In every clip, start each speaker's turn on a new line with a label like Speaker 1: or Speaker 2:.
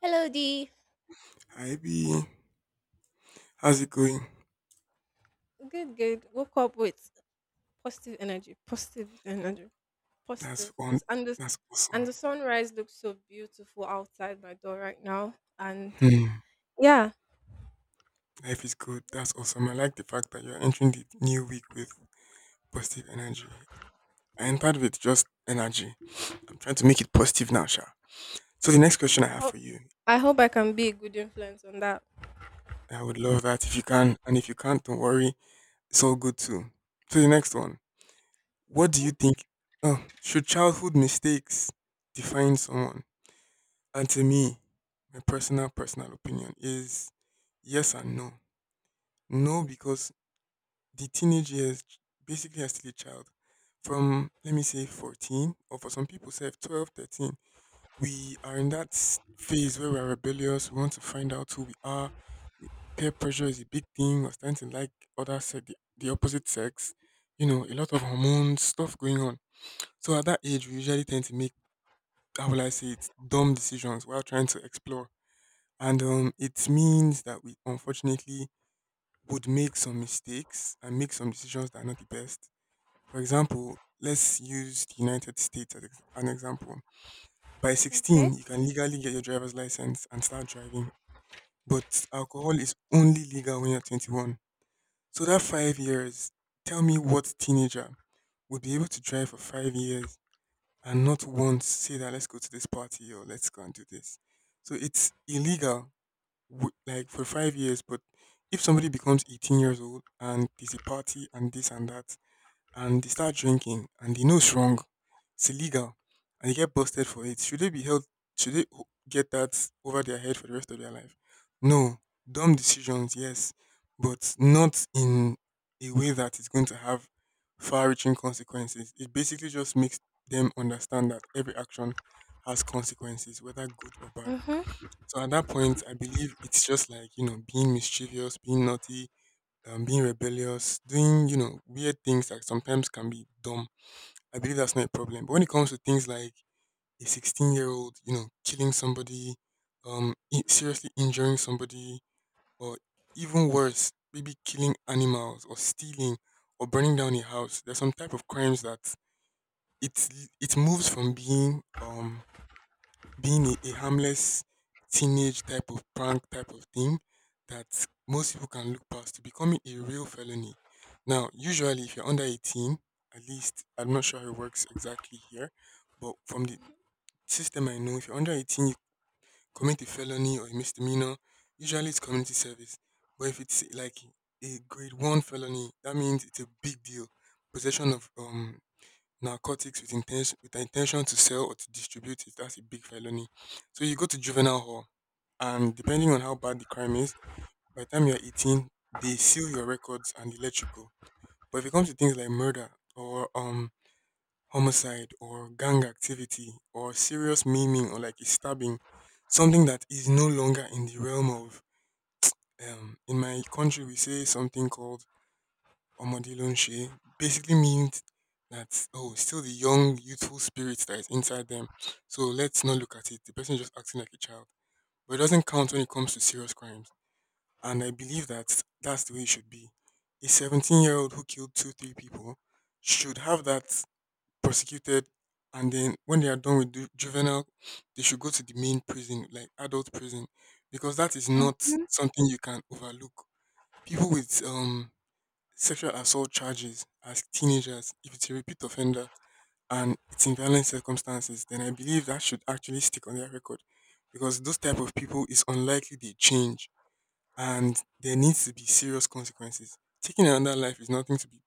Speaker 1: Hello, D.
Speaker 2: Hi B, how's it going?
Speaker 1: Good, good. Woke up with positive energy, positive energy,
Speaker 2: That's
Speaker 1: positive.
Speaker 2: on.
Speaker 1: This and this
Speaker 2: That's
Speaker 1: and
Speaker 2: awesome.
Speaker 1: the sunrise looks so beautiful outside my door right now. And
Speaker 2: Hmm.
Speaker 1: yeah,
Speaker 2: Life is good. That's awesome. I like the fact that you're entering the new week with positive energy. I entered with just energy. I'm trying to make it positive now, Sha. So the next question I
Speaker 1: I
Speaker 2: have
Speaker 1: hope
Speaker 2: for you,
Speaker 1: I hope I can be a good influence on that.
Speaker 2: I would love that if you can, and if you can't, don't worry. It's all good too. So the next one, what do you
Speaker 1: Mm-hmm.
Speaker 2: think? Oh, should childhood mistakes define someone? And to me, my personal opinion is yes and no. No, because the teenage years, basically, I'm still a child. From, let me say, 14, or for some people, say 12, 13, we are in that phase where we're rebellious. We want to find out who we are. We, Peer pressure is a big thing. We're starting to like other sex, the opposite sex. A lot of hormones, stuff going on. So at that age, we usually tend to make, how will I say it, dumb decisions while trying to explore. And it means that we unfortunately would make some mistakes and make some decisions that are not the best. For example, let's use the United States as an example. By
Speaker 1: Okay.
Speaker 2: 16, you can legally get your driver's license and start driving, but alcohol is only legal when you're 21. So that 5 years, tell me what teenager would be able to drive for 5 years and not once say that let's go to this party or let's go and do this. So it's illegal like for 5 years. But if somebody becomes 18 years old and there's a party and this and that, and they start drinking and they know it's wrong, it's illegal, and they get busted for it, should they be held? Should they get that over their head for the rest of their life? No, dumb decisions, yes, but not in a way that is going to have far-reaching consequences. It basically just makes them understand that every action has consequences, whether good or bad.
Speaker 1: Mm-hmm.
Speaker 2: So at that point, I believe it's just like, being mischievous, being naughty, being rebellious, doing, weird things that sometimes can be dumb. I believe that's not a problem. But when it comes to things like a 16-year-old, killing somebody, seriously injuring somebody, or even worse, maybe killing animals or stealing or burning down a house, there's some type of crimes that it's, it moves from being a harmless teenage type of prank type of thing that most people can look past to becoming a real felony. Now, usually, if you're under 18, at least I'm not sure how it works exactly here, but from the system I know, if you're under 18, you commit a felony or a misdemeanor, usually it's community service. But if it's like a grade one felony, that means it's a big deal. Possession of narcotics with an intention to sell or to distribute it, that's a big felony. So you go to juvenile hall, and depending on how bad the crime is, by the time you're 18, they seal your records and they let you go. But if it comes to things like murder or homicide or gang activity or serious maiming or like a stabbing, something that is no longer in the realm of in my country we say something called Omode Lonche, basically means that, oh, still the young, youthful spirit that is inside them. So let's not look at it. The person is just acting like a child. But it doesn't count when it comes to serious crimes. And I believe that that's the way it should be. A 17-year-old who killed two, three people should have that prosecuted. And then when they are done with juvenile, they should go to the main prison, like adult prison, because that is not
Speaker 1: Mm-hmm.
Speaker 2: something you can overlook. People with sexual assault charges as teenagers, if it's a repeat offender and it's in violent circumstances, then I believe that should actually stick on their record, because those type of people is unlikely they change and there needs to be serious consequences. Taking another life is nothing to be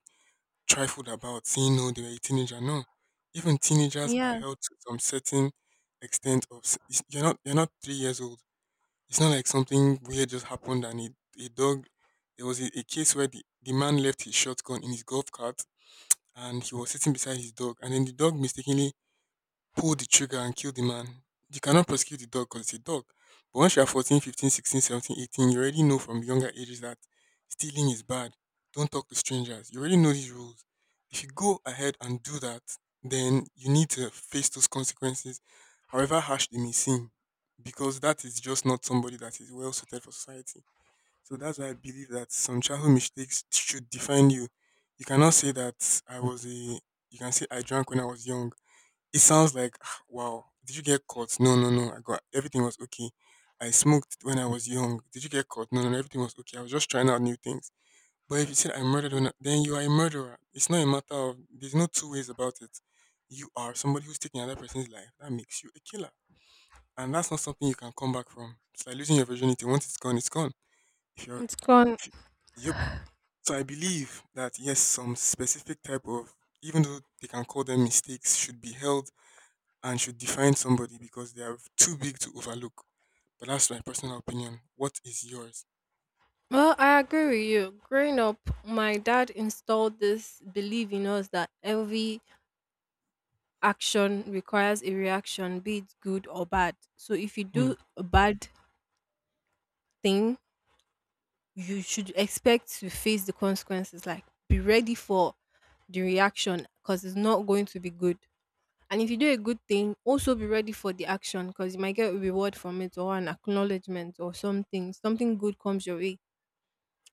Speaker 2: trifled about. Saying no, they were a teenager. No, even teenagers are
Speaker 1: Yeah,
Speaker 2: held to some certain extent of you're not 3 years old. It's not like something weird just happened, and a dog. There was a case where the man left his shotgun in his golf cart, and he was sitting beside his dog. And then the dog mistakenly pull the trigger and kill the man. You cannot prosecute the dog because it's a dog. But once you're 14, 15, 16, 17, 18, you already know from younger ages that stealing is bad. Don't talk to strangers. You already know these rules. If you go ahead and do that, then you need to face those consequences, however harsh they may seem, because that is just not somebody that is well suited for society. So that's why I believe that some childhood mistakes should define you. You cannot say that you can say I drank when I was young. It sounds like, "Ah, wow. Did you get caught? No, no, no. I got everything was okay. I smoked when I was young. Did you get caught? No, no, no. Everything was okay. I was just trying out new things." But if you said I
Speaker 1: mm,
Speaker 2: murdered, then you are a murderer. It's not a matter of. There's no two ways about it. You are somebody who's taking another person's life. That makes you a killer, and that's not something you can come back from. It's like losing your virginity. Once it's gone, it's gone. If you're,
Speaker 1: it's gone.
Speaker 2: if you, Yep. So I believe that yes, some specific type of, even though they can call them mistakes, should be held and should define somebody, because they are too big to overlook. But that's my personal opinion. What is yours?
Speaker 1: Well, I agree with you. Growing up, my dad installed this belief in us that every action requires a reaction, be it good or bad. So if you
Speaker 2: Hmm.
Speaker 1: do a bad thing, you should expect to face the consequences. Like, be ready for the reaction because it's not going to be good. And if you do a good thing, also be ready for the action because you might get a reward from it or an acknowledgement or something. Something good comes your way.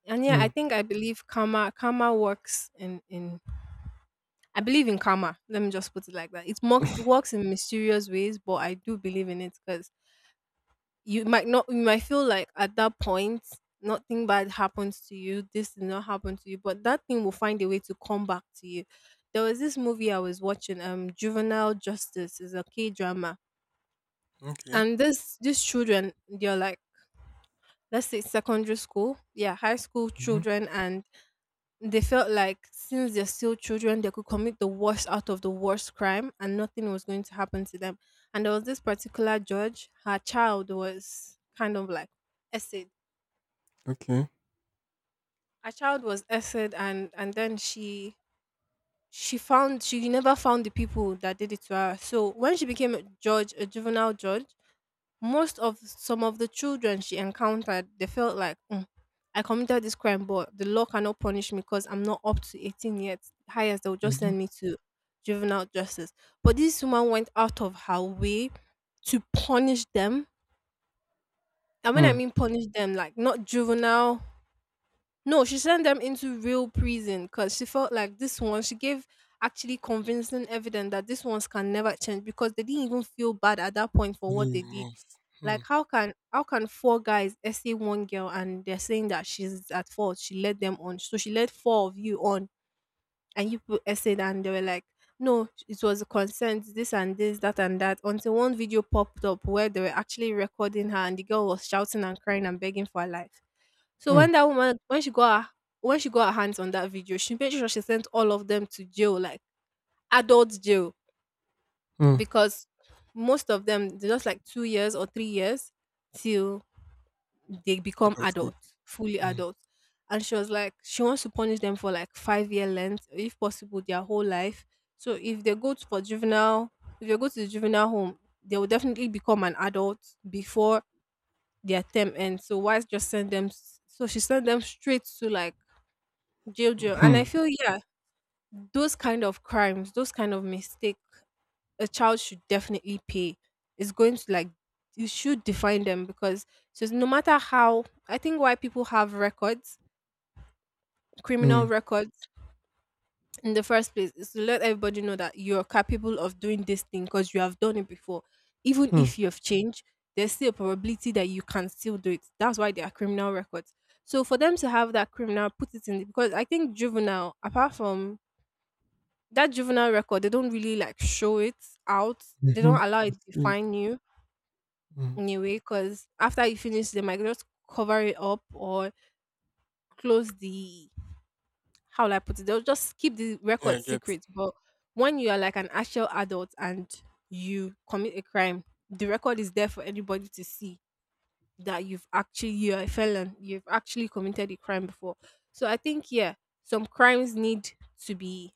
Speaker 1: And yeah,
Speaker 2: Hmm.
Speaker 1: I think I believe karma works in I believe in karma. Let me just put it like that. It works it works in mysterious ways, but I do believe in it because you might not you might feel like at that point nothing bad happens to you, this did not happen to you, but that thing will find a way to come back to you. There was this movie I was watching, Juvenile Justice. Is a K drama,
Speaker 2: Okay.
Speaker 1: and this these children, they're like, let's say secondary school, yeah, high school
Speaker 2: Hmm.
Speaker 1: children. And they felt like since they're still children, they could commit the worst out of the worst crime and nothing was going to happen to them. And there was this particular judge, her child was kind of like essayed.
Speaker 2: Okay.
Speaker 1: Her child was essed, and then she found she never found the people that did it to her. So when she became a judge, a juvenile judge, most of some of the children she encountered, they felt like, "Mm, I committed this crime but the law cannot punish me because I'm not up to 18 yet. Highest they'll just
Speaker 2: Hmm.
Speaker 1: send me to juvenile justice." But this woman went out of her way to punish them. And when I
Speaker 2: Hmm.
Speaker 1: mean punish them, like not juvenile. No, she sent them into real prison because she felt like this one, she gave actually convincing evidence that these ones can never change because they didn't even feel bad at that point for
Speaker 2: Any
Speaker 1: what they did.
Speaker 2: remorse? Hmm.
Speaker 1: Like, how can four guys essay one girl and they're saying that she's at fault? She led them on. So she led four of you on and you put essayed, and they were like, "No, it was a consent, this and this, that and that." Until one video popped up where they were actually recording her and the girl was shouting and crying and begging for her life. So
Speaker 2: Hmm.
Speaker 1: when that woman, when she got her hands on that video, she made sure she sent all of them to jail, like adult jail,
Speaker 2: Hmm.
Speaker 1: because most of them, they're just like 2 years or 3 years till they become
Speaker 2: Adulthood.
Speaker 1: adults, fully
Speaker 2: Hmm.
Speaker 1: adults. And she was like, she wants to punish them for like 5 year length, if possible, their whole life. So if they go to, for juvenile, if they go to the juvenile home, they will definitely become an adult before their term ends. So why just send them? So she sent them straight to like jail, jail. And I
Speaker 2: Hmm.
Speaker 1: feel, yeah, those kind of crimes, those kind of mistake, a child should definitely pay. It's going to like, you should define them because just no matter how, I think why people have records,
Speaker 2: Hmm.
Speaker 1: criminal records in the first place, is to let everybody know that you're capable of doing this thing because you have done it before. Even
Speaker 2: Hmm.
Speaker 1: if you have changed, there's still a probability that you can still do it. That's why there are criminal records. So for them to have that criminal, put it in, because I think juvenile, apart from that juvenile record, they don't really like show it out, they
Speaker 2: Mm-hmm.
Speaker 1: don't allow it to define you
Speaker 2: Hmm.
Speaker 1: in a way, because after you finish they might just cover it up or close the, how will I put it, they'll just keep the
Speaker 2: Yeah, I
Speaker 1: record
Speaker 2: get.
Speaker 1: secret. But when you are like an actual adult and you commit a crime, the record is there for anybody to see that you've actually, you're a felon, you've actually committed a crime before. So I think yeah, some crimes need to be,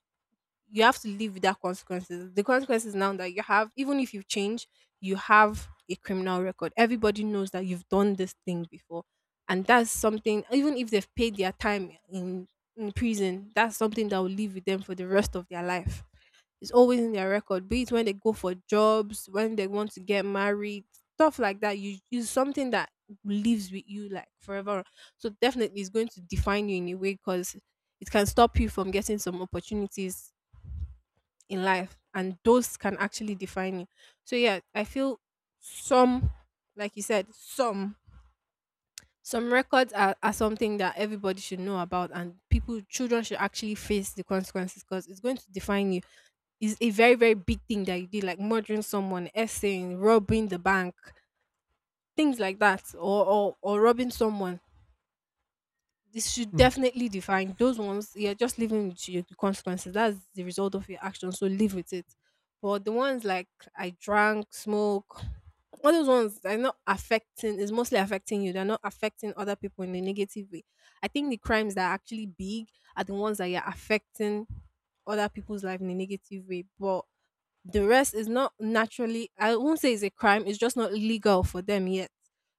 Speaker 1: you have to live with that consequences. The consequences now that you have, even if you change, you have a criminal record. Everybody knows that you've done this thing before. And that's something, even if they've paid their time in prison, that's something that will live with them for the rest of their life. It's always in their record, be it when they go for jobs, when they want to get married, stuff like that. You is something that lives with you like forever. So definitely it's going to define you in a way because it can stop you from getting some opportunities in life, and those can actually define you. So yeah, I feel some, like you said, some records are something that everybody should know about, and people, children should actually face the consequences because it's going to define you. It's a very, very big thing that you did, like murdering someone, essaying, robbing the bank, things like that, or or robbing someone. This should
Speaker 2: Hmm.
Speaker 1: definitely define those ones. You're just living with your, the consequences. That's the result of your action. So live with it. But the ones like I drank, smoke, all those ones, they are not affecting. Is mostly affecting you. They're not affecting other people in a negative way. I think the crimes that are actually big are the ones that you're affecting other people's life in a negative way. But the rest is not, naturally I won't say it's a crime, it's just not legal for them yet.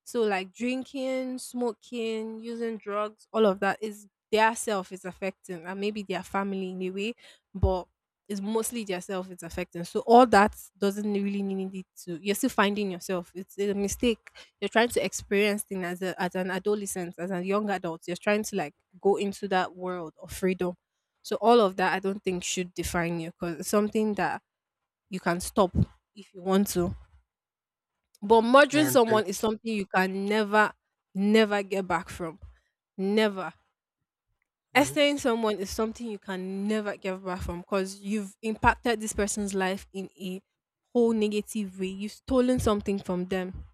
Speaker 1: So like drinking, smoking, using drugs, all of that is their self is affecting and maybe their family in a way. But it's mostly their self it's affecting. So all that doesn't really need it to, you're still finding yourself, it's a mistake. You're trying to experience things as an adolescent, as a young adult, you're trying to like go into that world of freedom. So all of that I don't think should define you because it's something that you can stop if you want to. But
Speaker 2: I
Speaker 1: murdering
Speaker 2: agree.
Speaker 1: someone is something you can never, never get back from. Never.
Speaker 2: Right.
Speaker 1: Essaying someone is something you can never get back from because you've impacted this person's life in a whole negative way. You've stolen something from them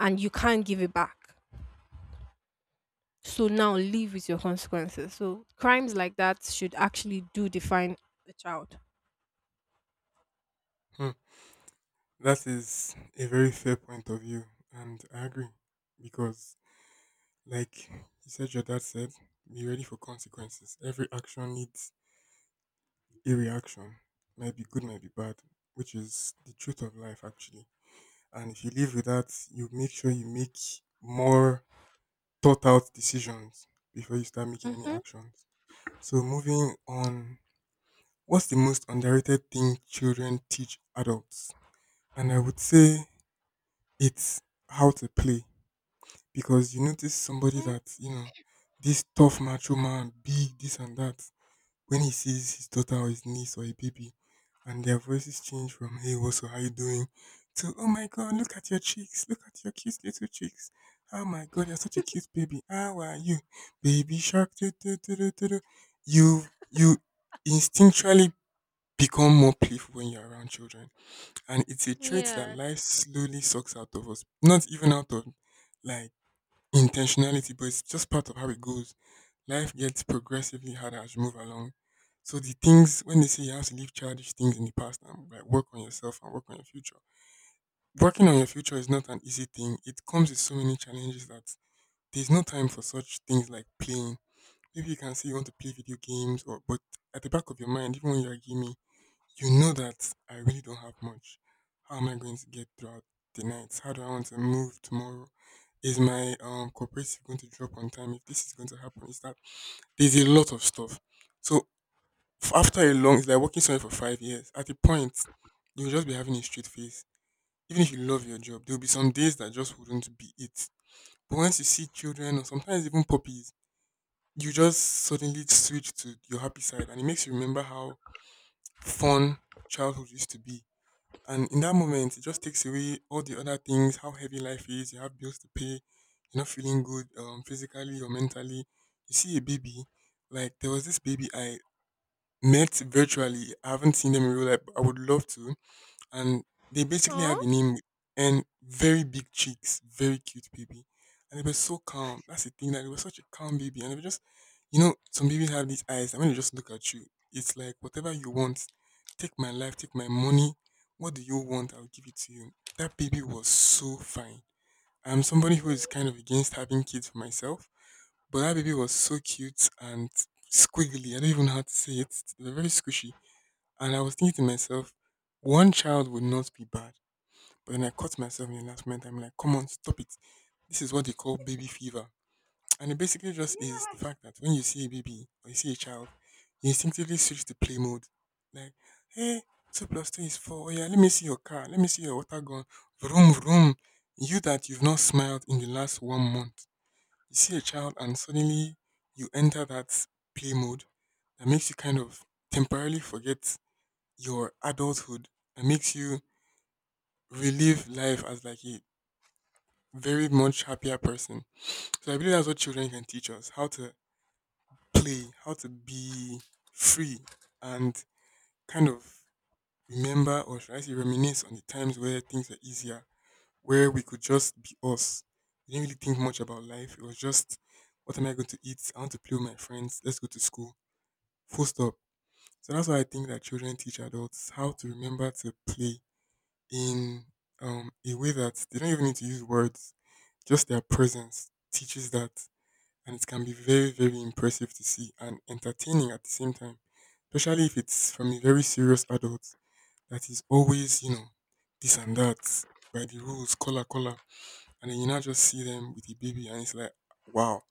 Speaker 1: and you can't give it back. So now live with your consequences. So crimes like that should actually do define the child.
Speaker 2: Hmm. That is a very fair point of view, and I agree because, like you said, your dad said, be ready for consequences. Every action needs a reaction. Might be good, might be bad, which is the truth of life actually. And if you live with that, you make sure you make more thought out decisions before you start making any
Speaker 1: Mm-hmm.
Speaker 2: actions. So moving on, what's the most underrated thing children teach adults? And I would say it's how to play. Because you notice somebody that, this tough macho man, big, this and that. When he sees his daughter or his niece or a baby, and their voices change from, "Hey, what's up, how you doing?" to, "Oh my God, look at your cheeks, look at your cute little cheeks. Oh my God, you're such a cute baby, how are you? Baby shark, do, do, do, do, do, do." you you instinctually become more playful when you're around children, and it's a trait
Speaker 1: Yeah.
Speaker 2: that life slowly sucks out of us, not even out of like intentionality, but it's just part of how it goes. Life gets progressively harder as you move along. So the things when they say you have to leave childish things in the past and, like, work on yourself and work on your future. Working on your future is not an easy thing. It comes with so many challenges that there's no time for such things like playing. Maybe you can say you want to play video games, or but at the back of your mind, even when you're gaming, you know that I really don't have much. How am I going to get throughout the nights? How do I want to move tomorrow? Is my cooperative going to drop on time? If this is going to happen, is that there's a lot of stuff. So after a long, it's like working somewhere for 5 years. At a point, you'll just be having a straight face. Even if you love your job, there'll be some days that just wouldn't be it. But once you see children or sometimes even puppies, you just suddenly switch to your happy side, and it makes you remember how fun childhood used to be. And in that moment, it just takes away all the other things, how heavy life is. You have bills to pay. You're not feeling good, physically or mentally. You see a baby, like there was this baby I met virtually. I haven't seen them in real life, but I would love to. And they basically have
Speaker 1: Aw.
Speaker 2: a name with N, very big cheeks, very cute baby. And they were so calm. That's the thing, that it was such a calm baby. And they were just, some babies have these eyes. And when they just look at you, it's like, whatever you want, take my life, take my money. What do you want? I'll give it to you. That baby was so fine. I'm somebody who is kind of against having kids for myself, but that baby was so cute and squiggly. I don't even know how to say it. They were very squishy and I was thinking to myself, one child would not be bad. But then I caught myself in the last moment. I'm like, come on, stop it. This is what they call baby fever. And it basically just is the fact that when you see a baby or you see a child, you instinctively switch to play mode. Like, hey, two plus two is four. Oh yeah, let me see your car. Let me see your water gun. Vroom, vroom. You that you've not smiled in the last 1 month. You see a child and suddenly you enter that play mode that makes you kind of temporarily forget your adulthood and makes you relive life as like a very much happier person. So I believe that's what children can teach us how to play, how to be free, and kind of remember or should I say reminisce on the times where things were easier, where we could just be us. We didn't really think much about life. It was just, what am I going to eat? I want to play with my friends. Let's go to school. Full stop. So that's why I think that children teach adults how to remember to play in a way that they don't even need to use words, just their presence teaches that. And it can be very, very impressive to see and entertaining at the same time, especially if it's from a very serious adult that is always, you know, this and that by the rules, color, color. And then you now just see them with a baby, and it's like, wow.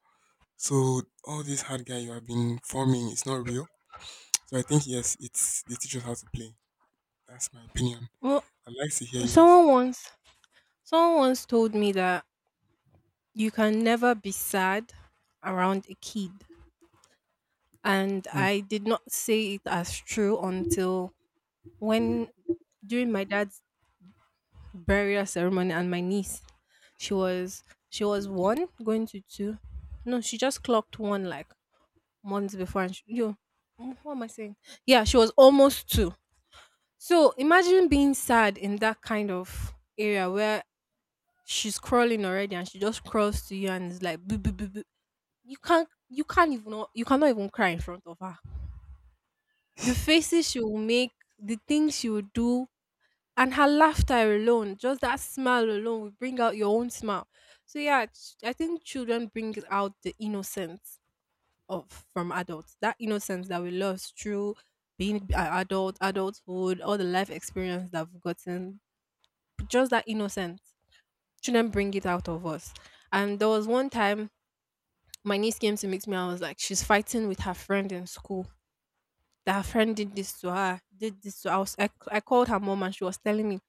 Speaker 2: So all this hard guy you have been forming is not real. So I think, yes, it's they teach us how to play. That's my opinion.
Speaker 1: Well,
Speaker 2: I'd like to hear yours.
Speaker 1: someone once someone once told me that you can never be sad around a kid. And I did not say it as true until when during my dad's burial ceremony and my niece, she was she was one going to two. No, she just clocked one like months before and she, yo, mm, what am I saying? Yeah, she was almost two. So imagine being sad in that kind of area where she's crawling already and she just crawls to you and is like boo boo, boo, boo. You can't, you can't even not- you cannot even cry in front of her, the faces she will make, the things she will do, and her laughter alone, just that smile alone will bring out your own smile. So yeah, I think children bring out the innocence of, from adults, that innocence that we lost through being adult, adulthood, all the life experience that we've gotten. Just that innocence, children bring it out of us. And there was one time my niece came to meet me, I was like, she's fighting with her friend in school, that her friend did this to her, did this to her. I called her mom and she was telling me,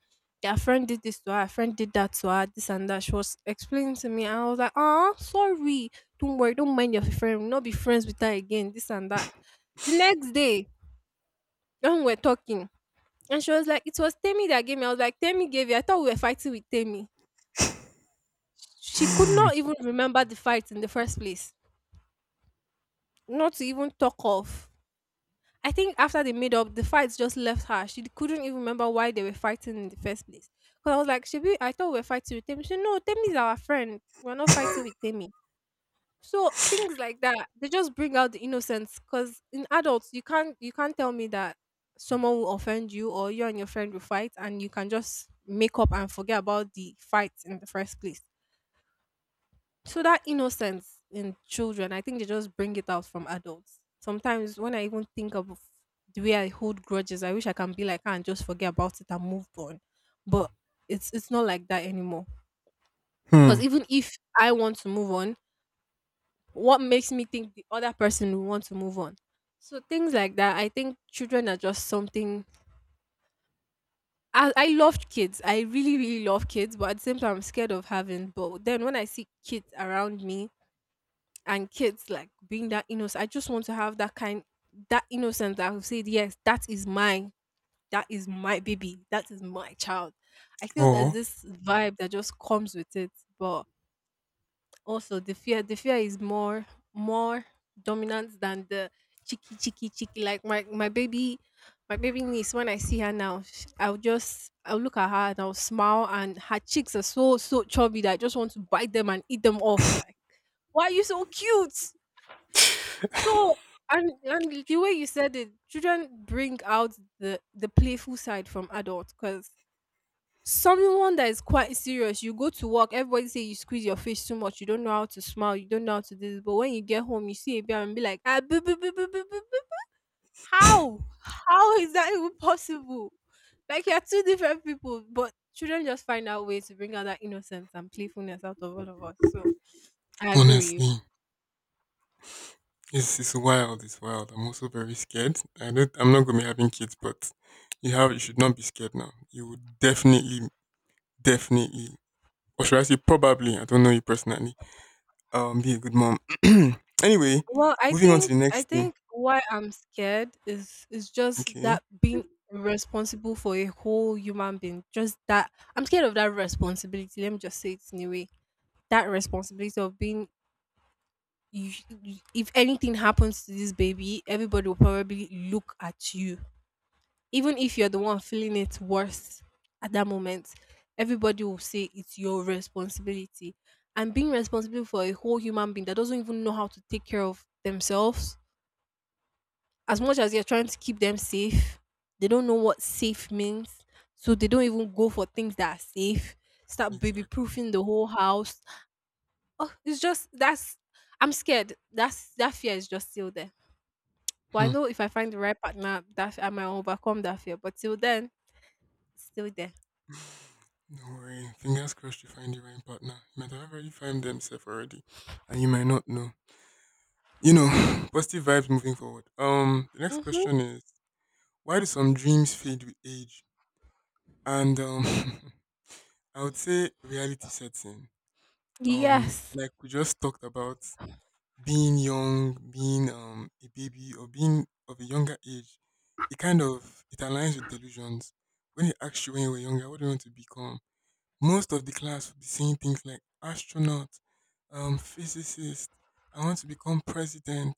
Speaker 1: their friend did this to her, her friend did that to her, this and that. She was explaining to me, and I was like, ah, sorry, don't worry, don't mind your friend, we'll not be friends with her again, this and that. The next day, when we're talking, and she was like, it was Temi that gave me. I was like, Temi gave you? I thought we were fighting with Temi. She could
Speaker 2: Hmm.
Speaker 1: not even remember the fight in the first place, not to even talk of. I think after they made up, the fights just left her. She couldn't even remember why they were fighting in the first place. Because I was like, Shebi, I thought we were fighting with Temi. She said, No, Temi is our friend. We're not fighting with Temi. So things like that, they just bring out the innocence. Because in adults, you can't tell me that someone will offend you, or you and your friend will fight and you can just make up and forget about the fight in the first place. So that innocence in children, I think they just bring it out from adults. Sometimes when I even think of the way I hold grudges, I wish I can be like her and just forget about it and move on. But it's not like that anymore. Because
Speaker 2: Hmm.
Speaker 1: even if I want to move on, what makes me think the other person will want to move on? So things like that, I think children are just something. I love kids. I really, really love kids, but at the same time, I'm scared of having. But then when I see kids around me, and kids like being that innocent. I just want to have that kind, that innocence that I've said, yes, that is mine. That is my baby. That is my child. I feel there's
Speaker 2: Or,
Speaker 1: this vibe that just comes with it. But also the fear is more dominant than the cheeky, cheeky, cheeky. Like my baby, my baby niece, when I see her now, I'll look at her and I'll smile, and her cheeks are so so chubby that I just want to bite them and eat them off. Like, why are you so cute? So and the way you said it, children bring out the playful side from adults, because someone that is quite serious, you go to work, everybody say you squeeze your face too much, you don't know how to smile, you don't know how to do this, but when you get home, you see a bear and be like, ah, boo, boo, boo, boo, boo, boo, boo. how how is that even possible? Like you're two different people, but children just find out ways to bring out that innocence and playfulness out of all of us. So I agree with you.
Speaker 2: honestly, it's wild. It's wild. I'm also very scared. I don't. I'm not gonna be having kids, but you have. You should not be scared now. You would definitely, definitely, or should I say, probably. I don't know you personally. Be a good mom. Anyway,
Speaker 1: Well, I
Speaker 2: moving on to
Speaker 1: think
Speaker 2: the
Speaker 1: I
Speaker 2: next thing.
Speaker 1: think why I'm scared is just
Speaker 2: Okay.
Speaker 1: that being responsible for a whole human being. Just that I'm scared of that responsibility. Let me just say it anyway. That responsibility of being you, if anything happens to this baby, everybody will probably look at you. Even if you're the one feeling it worse at that moment, everybody will say it's your responsibility. And being responsible for a whole human being that doesn't even know how to take care of themselves, as much as you're trying to keep them safe, they don't know what safe means. So they don't even go for things that are safe. Start baby
Speaker 2: Exactly.
Speaker 1: proofing the whole house. Oh, it's just that's I'm scared. That's that fear is just still there. But I
Speaker 2: Hmm.
Speaker 1: know if I find the right partner, that I might overcome that fear. But till then, it's still there.
Speaker 2: Don't worry. Fingers crossed you find the right partner. You might have already found themselves already, and you might not know. Positive vibes moving forward. The next
Speaker 1: Mm-hmm.
Speaker 2: question is, why do some dreams fade with age? And I would say reality sets in.
Speaker 1: Yes.
Speaker 2: Like we just talked about being young, being a baby, or being of a younger age. It kind of it aligns with delusions. When they ask you when you were younger, what do you want to become? Most of the class would be saying things like astronaut, physicist. I want to become president.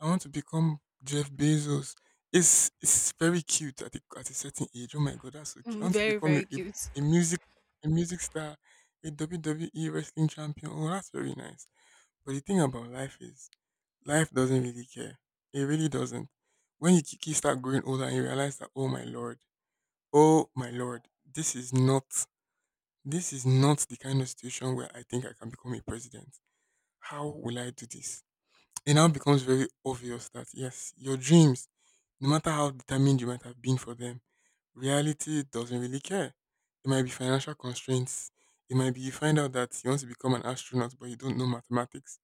Speaker 2: I want to become Jeff Bezos. It's very cute at a certain age. Oh my god, that's so cute. I
Speaker 1: Mm,
Speaker 2: want to
Speaker 1: very,
Speaker 2: become
Speaker 1: very cute.
Speaker 2: a music a music star, a WWE wrestling champion. Oh, that's very nice. But the thing about life is, life doesn't really care. It really doesn't. When you start growing older and you realize that, oh my lord, this is not this is not the kind of situation where I think I can become a president. How will I do this? It now becomes very obvious that yes, your dreams, no matter how determined you might have been for them, reality doesn't really care. It might be financial constraints. It might be you find out that you want to become an astronaut but you don't know mathematics,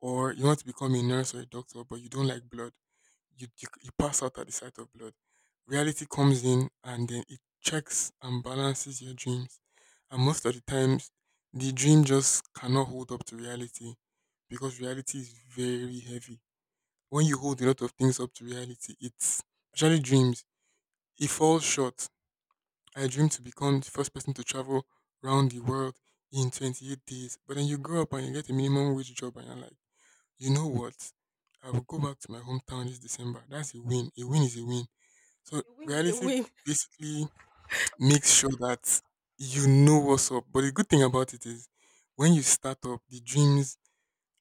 Speaker 2: or you want to become a nurse or a doctor but you don't like blood. You pass out at the sight of blood. Reality comes in and then it checks and balances your dreams. And most of the times, the dream just cannot hold up to reality because reality is very heavy. When you hold a lot of things up to reality, it's especially dreams. It falls short. I dreamed to become the first person to travel around the world in 28 days, but then you grow up and you get a minimum wage job, and you're like, you know what? I will go back to my hometown this December. That's a win. A win is a win. So
Speaker 1: A win is a
Speaker 2: reality
Speaker 1: win.
Speaker 2: basically makes sure that you know what's up. But the good thing about it is when you start up, the dreams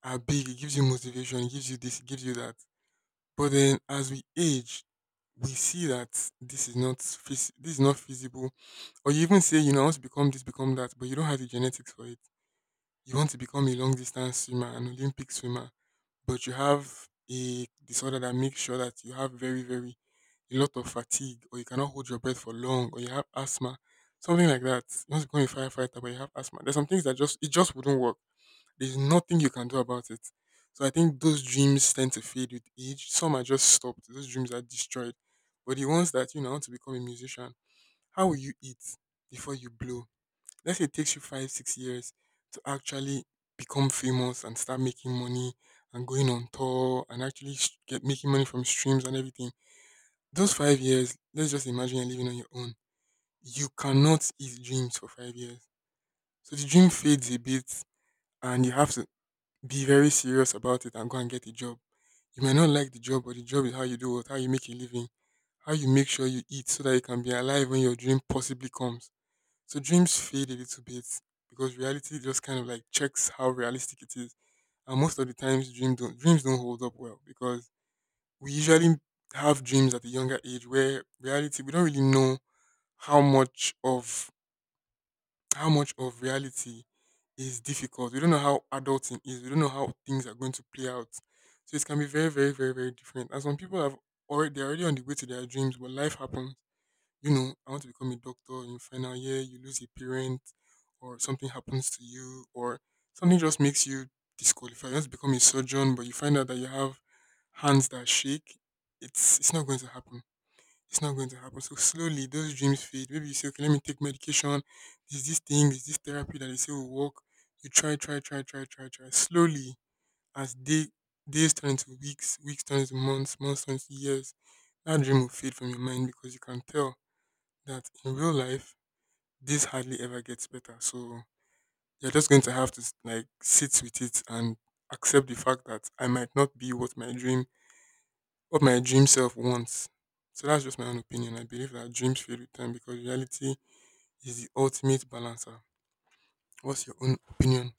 Speaker 2: are big. It gives you motivation, it gives you this, it gives you that. But then as we age, we see that this is not feasible. Or you even say, I want to become this, become that, but you don't have the genetics for it. You want to become a long distance swimmer, an Olympic swimmer, but you have a disorder that makes sure that you have very, very a lot of fatigue or you cannot hold your breath for long or you have asthma, something like that. You want to become a firefighter but you have asthma. There's some things that just it just wouldn't work. There's nothing you can do about it. So I think those dreams tend to fade with age. Some are just stopped. Those dreams are destroyed. But the ones that you know, I want to become a musician, how will you eat before you blow? Let's say it takes you five, 6 years to actually become famous and start making money and going on tour and actually get making money from streams and everything. Those 5 years, let's just imagine you're living on your own. You cannot eat dreams for 5 years. So the dream fades a bit and you have to be very serious about it and go and get a job. You may not like the job, but the job is how you do it, how you make a living, how you make sure you eat so that you can be alive when your dream possibly comes. So dreams fade a little bit because reality just kind of like checks how realistic it is. And most of the times, dreams don't hold up well because we usually have dreams at a younger age where reality we don't really know how much of how much of reality is difficult. We don't know how adulting is. We don't know how things are going to play out. So it can be very, very, very, very different. And some people have already they're already on the way to their dreams, but life happens. I want to become a doctor, in your final year, you lose a parent, or something happens to you, or something just makes you disqualified. You want to become a surgeon, but you find out that you have hands that shake. It's not going to happen. It's not going to happen. So slowly those dreams fade. Maybe you say, okay, let me take medication. There's this thing, there's this therapy that they say will work. You try, try, try, try, try, try. Slowly, as days turn into weeks, weeks turn into months, months turn into years, that dream will fade from your mind because you can tell that in real life this hardly ever gets better. So you're just going to have to like sit with it and accept the fact that I might not be what my dream self wants. So that's just my own opinion. I believe that dreams fail with time because reality is the ultimate balancer. What's your own opinion?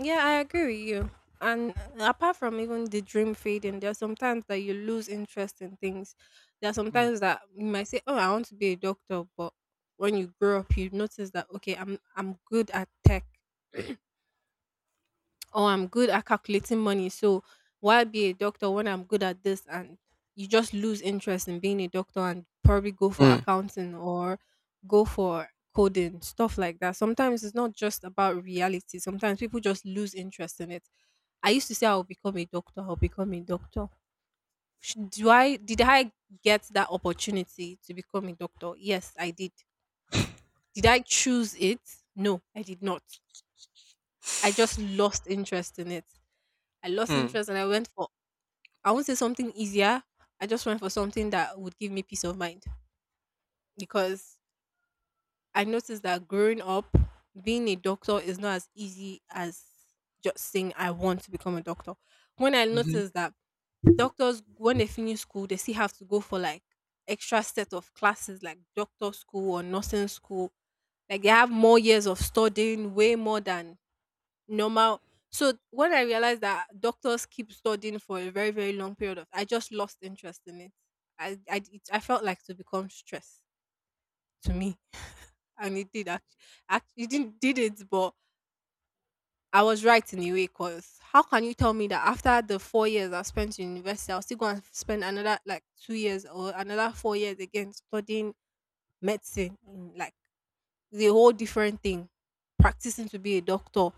Speaker 1: Yeah, I agree with you. And apart from even the dream fading, there are sometimes that you lose interest in things. There are
Speaker 2: Hmm.
Speaker 1: sometimes that you might say, "Oh, I want to be a doctor," but when you grow up, you notice that okay, I'm good at tech, or I'm good at calculating money. So why be a doctor when I'm good at this? And you just lose interest in being a doctor and probably go for
Speaker 2: Hmm.
Speaker 1: accounting or go for coding, stuff like that. Sometimes it's not just about reality. Sometimes people just lose interest in it. I used to say I'll become a doctor, I'll become a doctor. Sh- Do I did I get that opportunity to become a doctor? Yes, I did. Did I choose it? No, I did not. I just lost interest in it. I lost
Speaker 2: Hmm.
Speaker 1: interest and I went for, I won't say something easier. I just went for something that would give me peace of mind, because I noticed that growing up, being a doctor is not as easy as just saying I want to become a doctor. When I
Speaker 2: Mhm.
Speaker 1: noticed that doctors, when they finish school, they still have to go for like extra set of classes, like doctor school or nursing school. Like they have more years of studying, way more than normal. So when I realized that doctors keep studying for a very very long period of, I just lost interest in it. I felt like to become stress to me, and it did actually. It didn't did it, but I was right in a way. Cause how can you tell me that after the 4 years I spent in university, I'll still go and spend another like 2 years or another 4 years again studying medicine in like is a whole different thing. Practicing to be a doctor,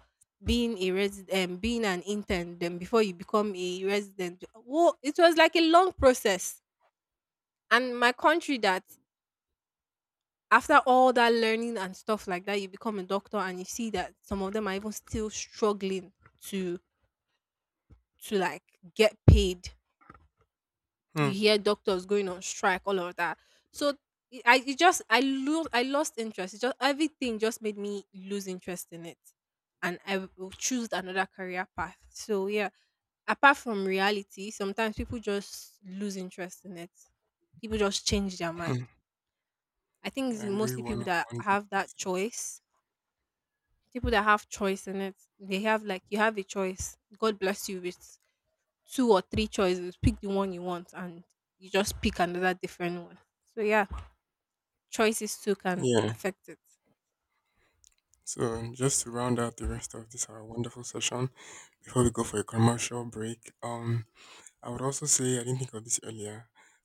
Speaker 1: being a resident, being an intern, then before you become a resident. Well, it was like a long process. And my country that after all that learning and stuff like that, you become a doctor and you see that some of them are even still struggling to like get paid,
Speaker 2: Hmm.
Speaker 1: you hear doctors going on strike, all of that. So I lost interest. It just everything just made me lose interest in it, and I choose another career path. So yeah, apart from reality, sometimes people just lose interest in it. People just change their
Speaker 2: Hmm.
Speaker 1: mind. I think it's
Speaker 2: I agree
Speaker 1: mostly people
Speaker 2: one
Speaker 1: that
Speaker 2: hundred
Speaker 1: have that
Speaker 2: percent.
Speaker 1: choice. People that have choice in it, they have like you have a choice. God bless you with two or three choices. Pick the one you want and you just pick another different one. So yeah, choices too can
Speaker 2: Yeah.
Speaker 1: affect it.
Speaker 2: So just to round out the rest of this our wonderful session before we go for a commercial break, I would also say I didn't think of this earlier.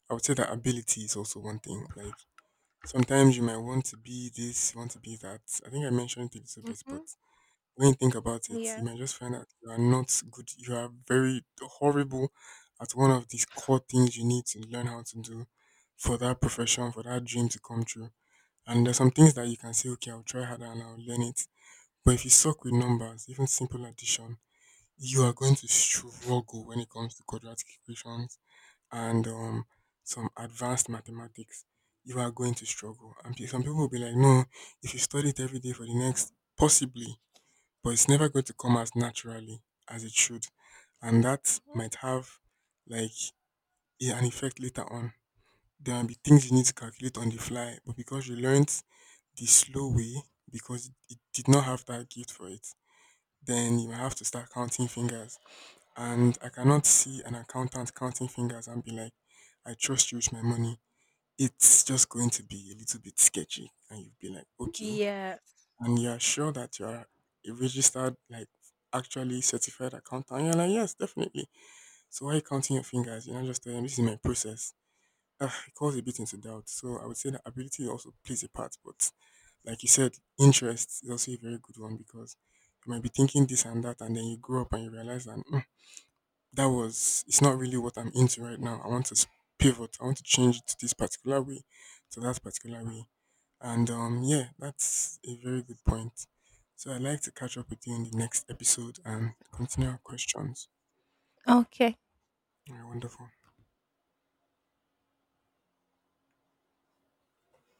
Speaker 2: I would say that ability is also one thing. Like sometimes you might want to be this, you want to be that. I think I mentioned it a little bit,
Speaker 1: Mm-hmm.
Speaker 2: but when you think about it,
Speaker 1: Yeah.
Speaker 2: you might just find out you are not good. You are very horrible at one of these core things you need to learn how to do for that profession, for that dream to come true. And there's some things that you can say, okay, I'll try harder and I'll learn it. But if you suck with numbers, even simple addition, you are going to struggle when it comes to quadratic equations and some advanced mathematics, you are going to struggle. And some people will be like, no, if you study it every day for the next, possibly, but it's never going to come as naturally as it should. And that
Speaker 1: Mhm.
Speaker 2: might have like an effect later on. There might be things you need to calculate on the fly, but because you learnt the slow way, because it did not have that gift for it, then you might have to start counting fingers and I cannot see an accountant counting fingers and be like, I trust you with my money. It's just going to be a little bit sketchy. And you'd be like, okay.
Speaker 1: Yes.
Speaker 2: And you're sure that you're a registered, like actually certified accountant. And you're like, yes, definitely. So why are you counting your fingers? You're not just telling them, this is my process. It calls a bit into doubt. So I would say that ability also plays a part. But like you said, interest is also a very good one because you might be thinking this and that. And then you grow up and you realize that that was it's not really what I'm into right now. I want to pivot. I want to change it to this particular way, to that particular way. And yeah, that's a very good point. So I'd like to catch up with you in the next episode and continue our questions.
Speaker 1: Okay.
Speaker 2: All right, wonderful.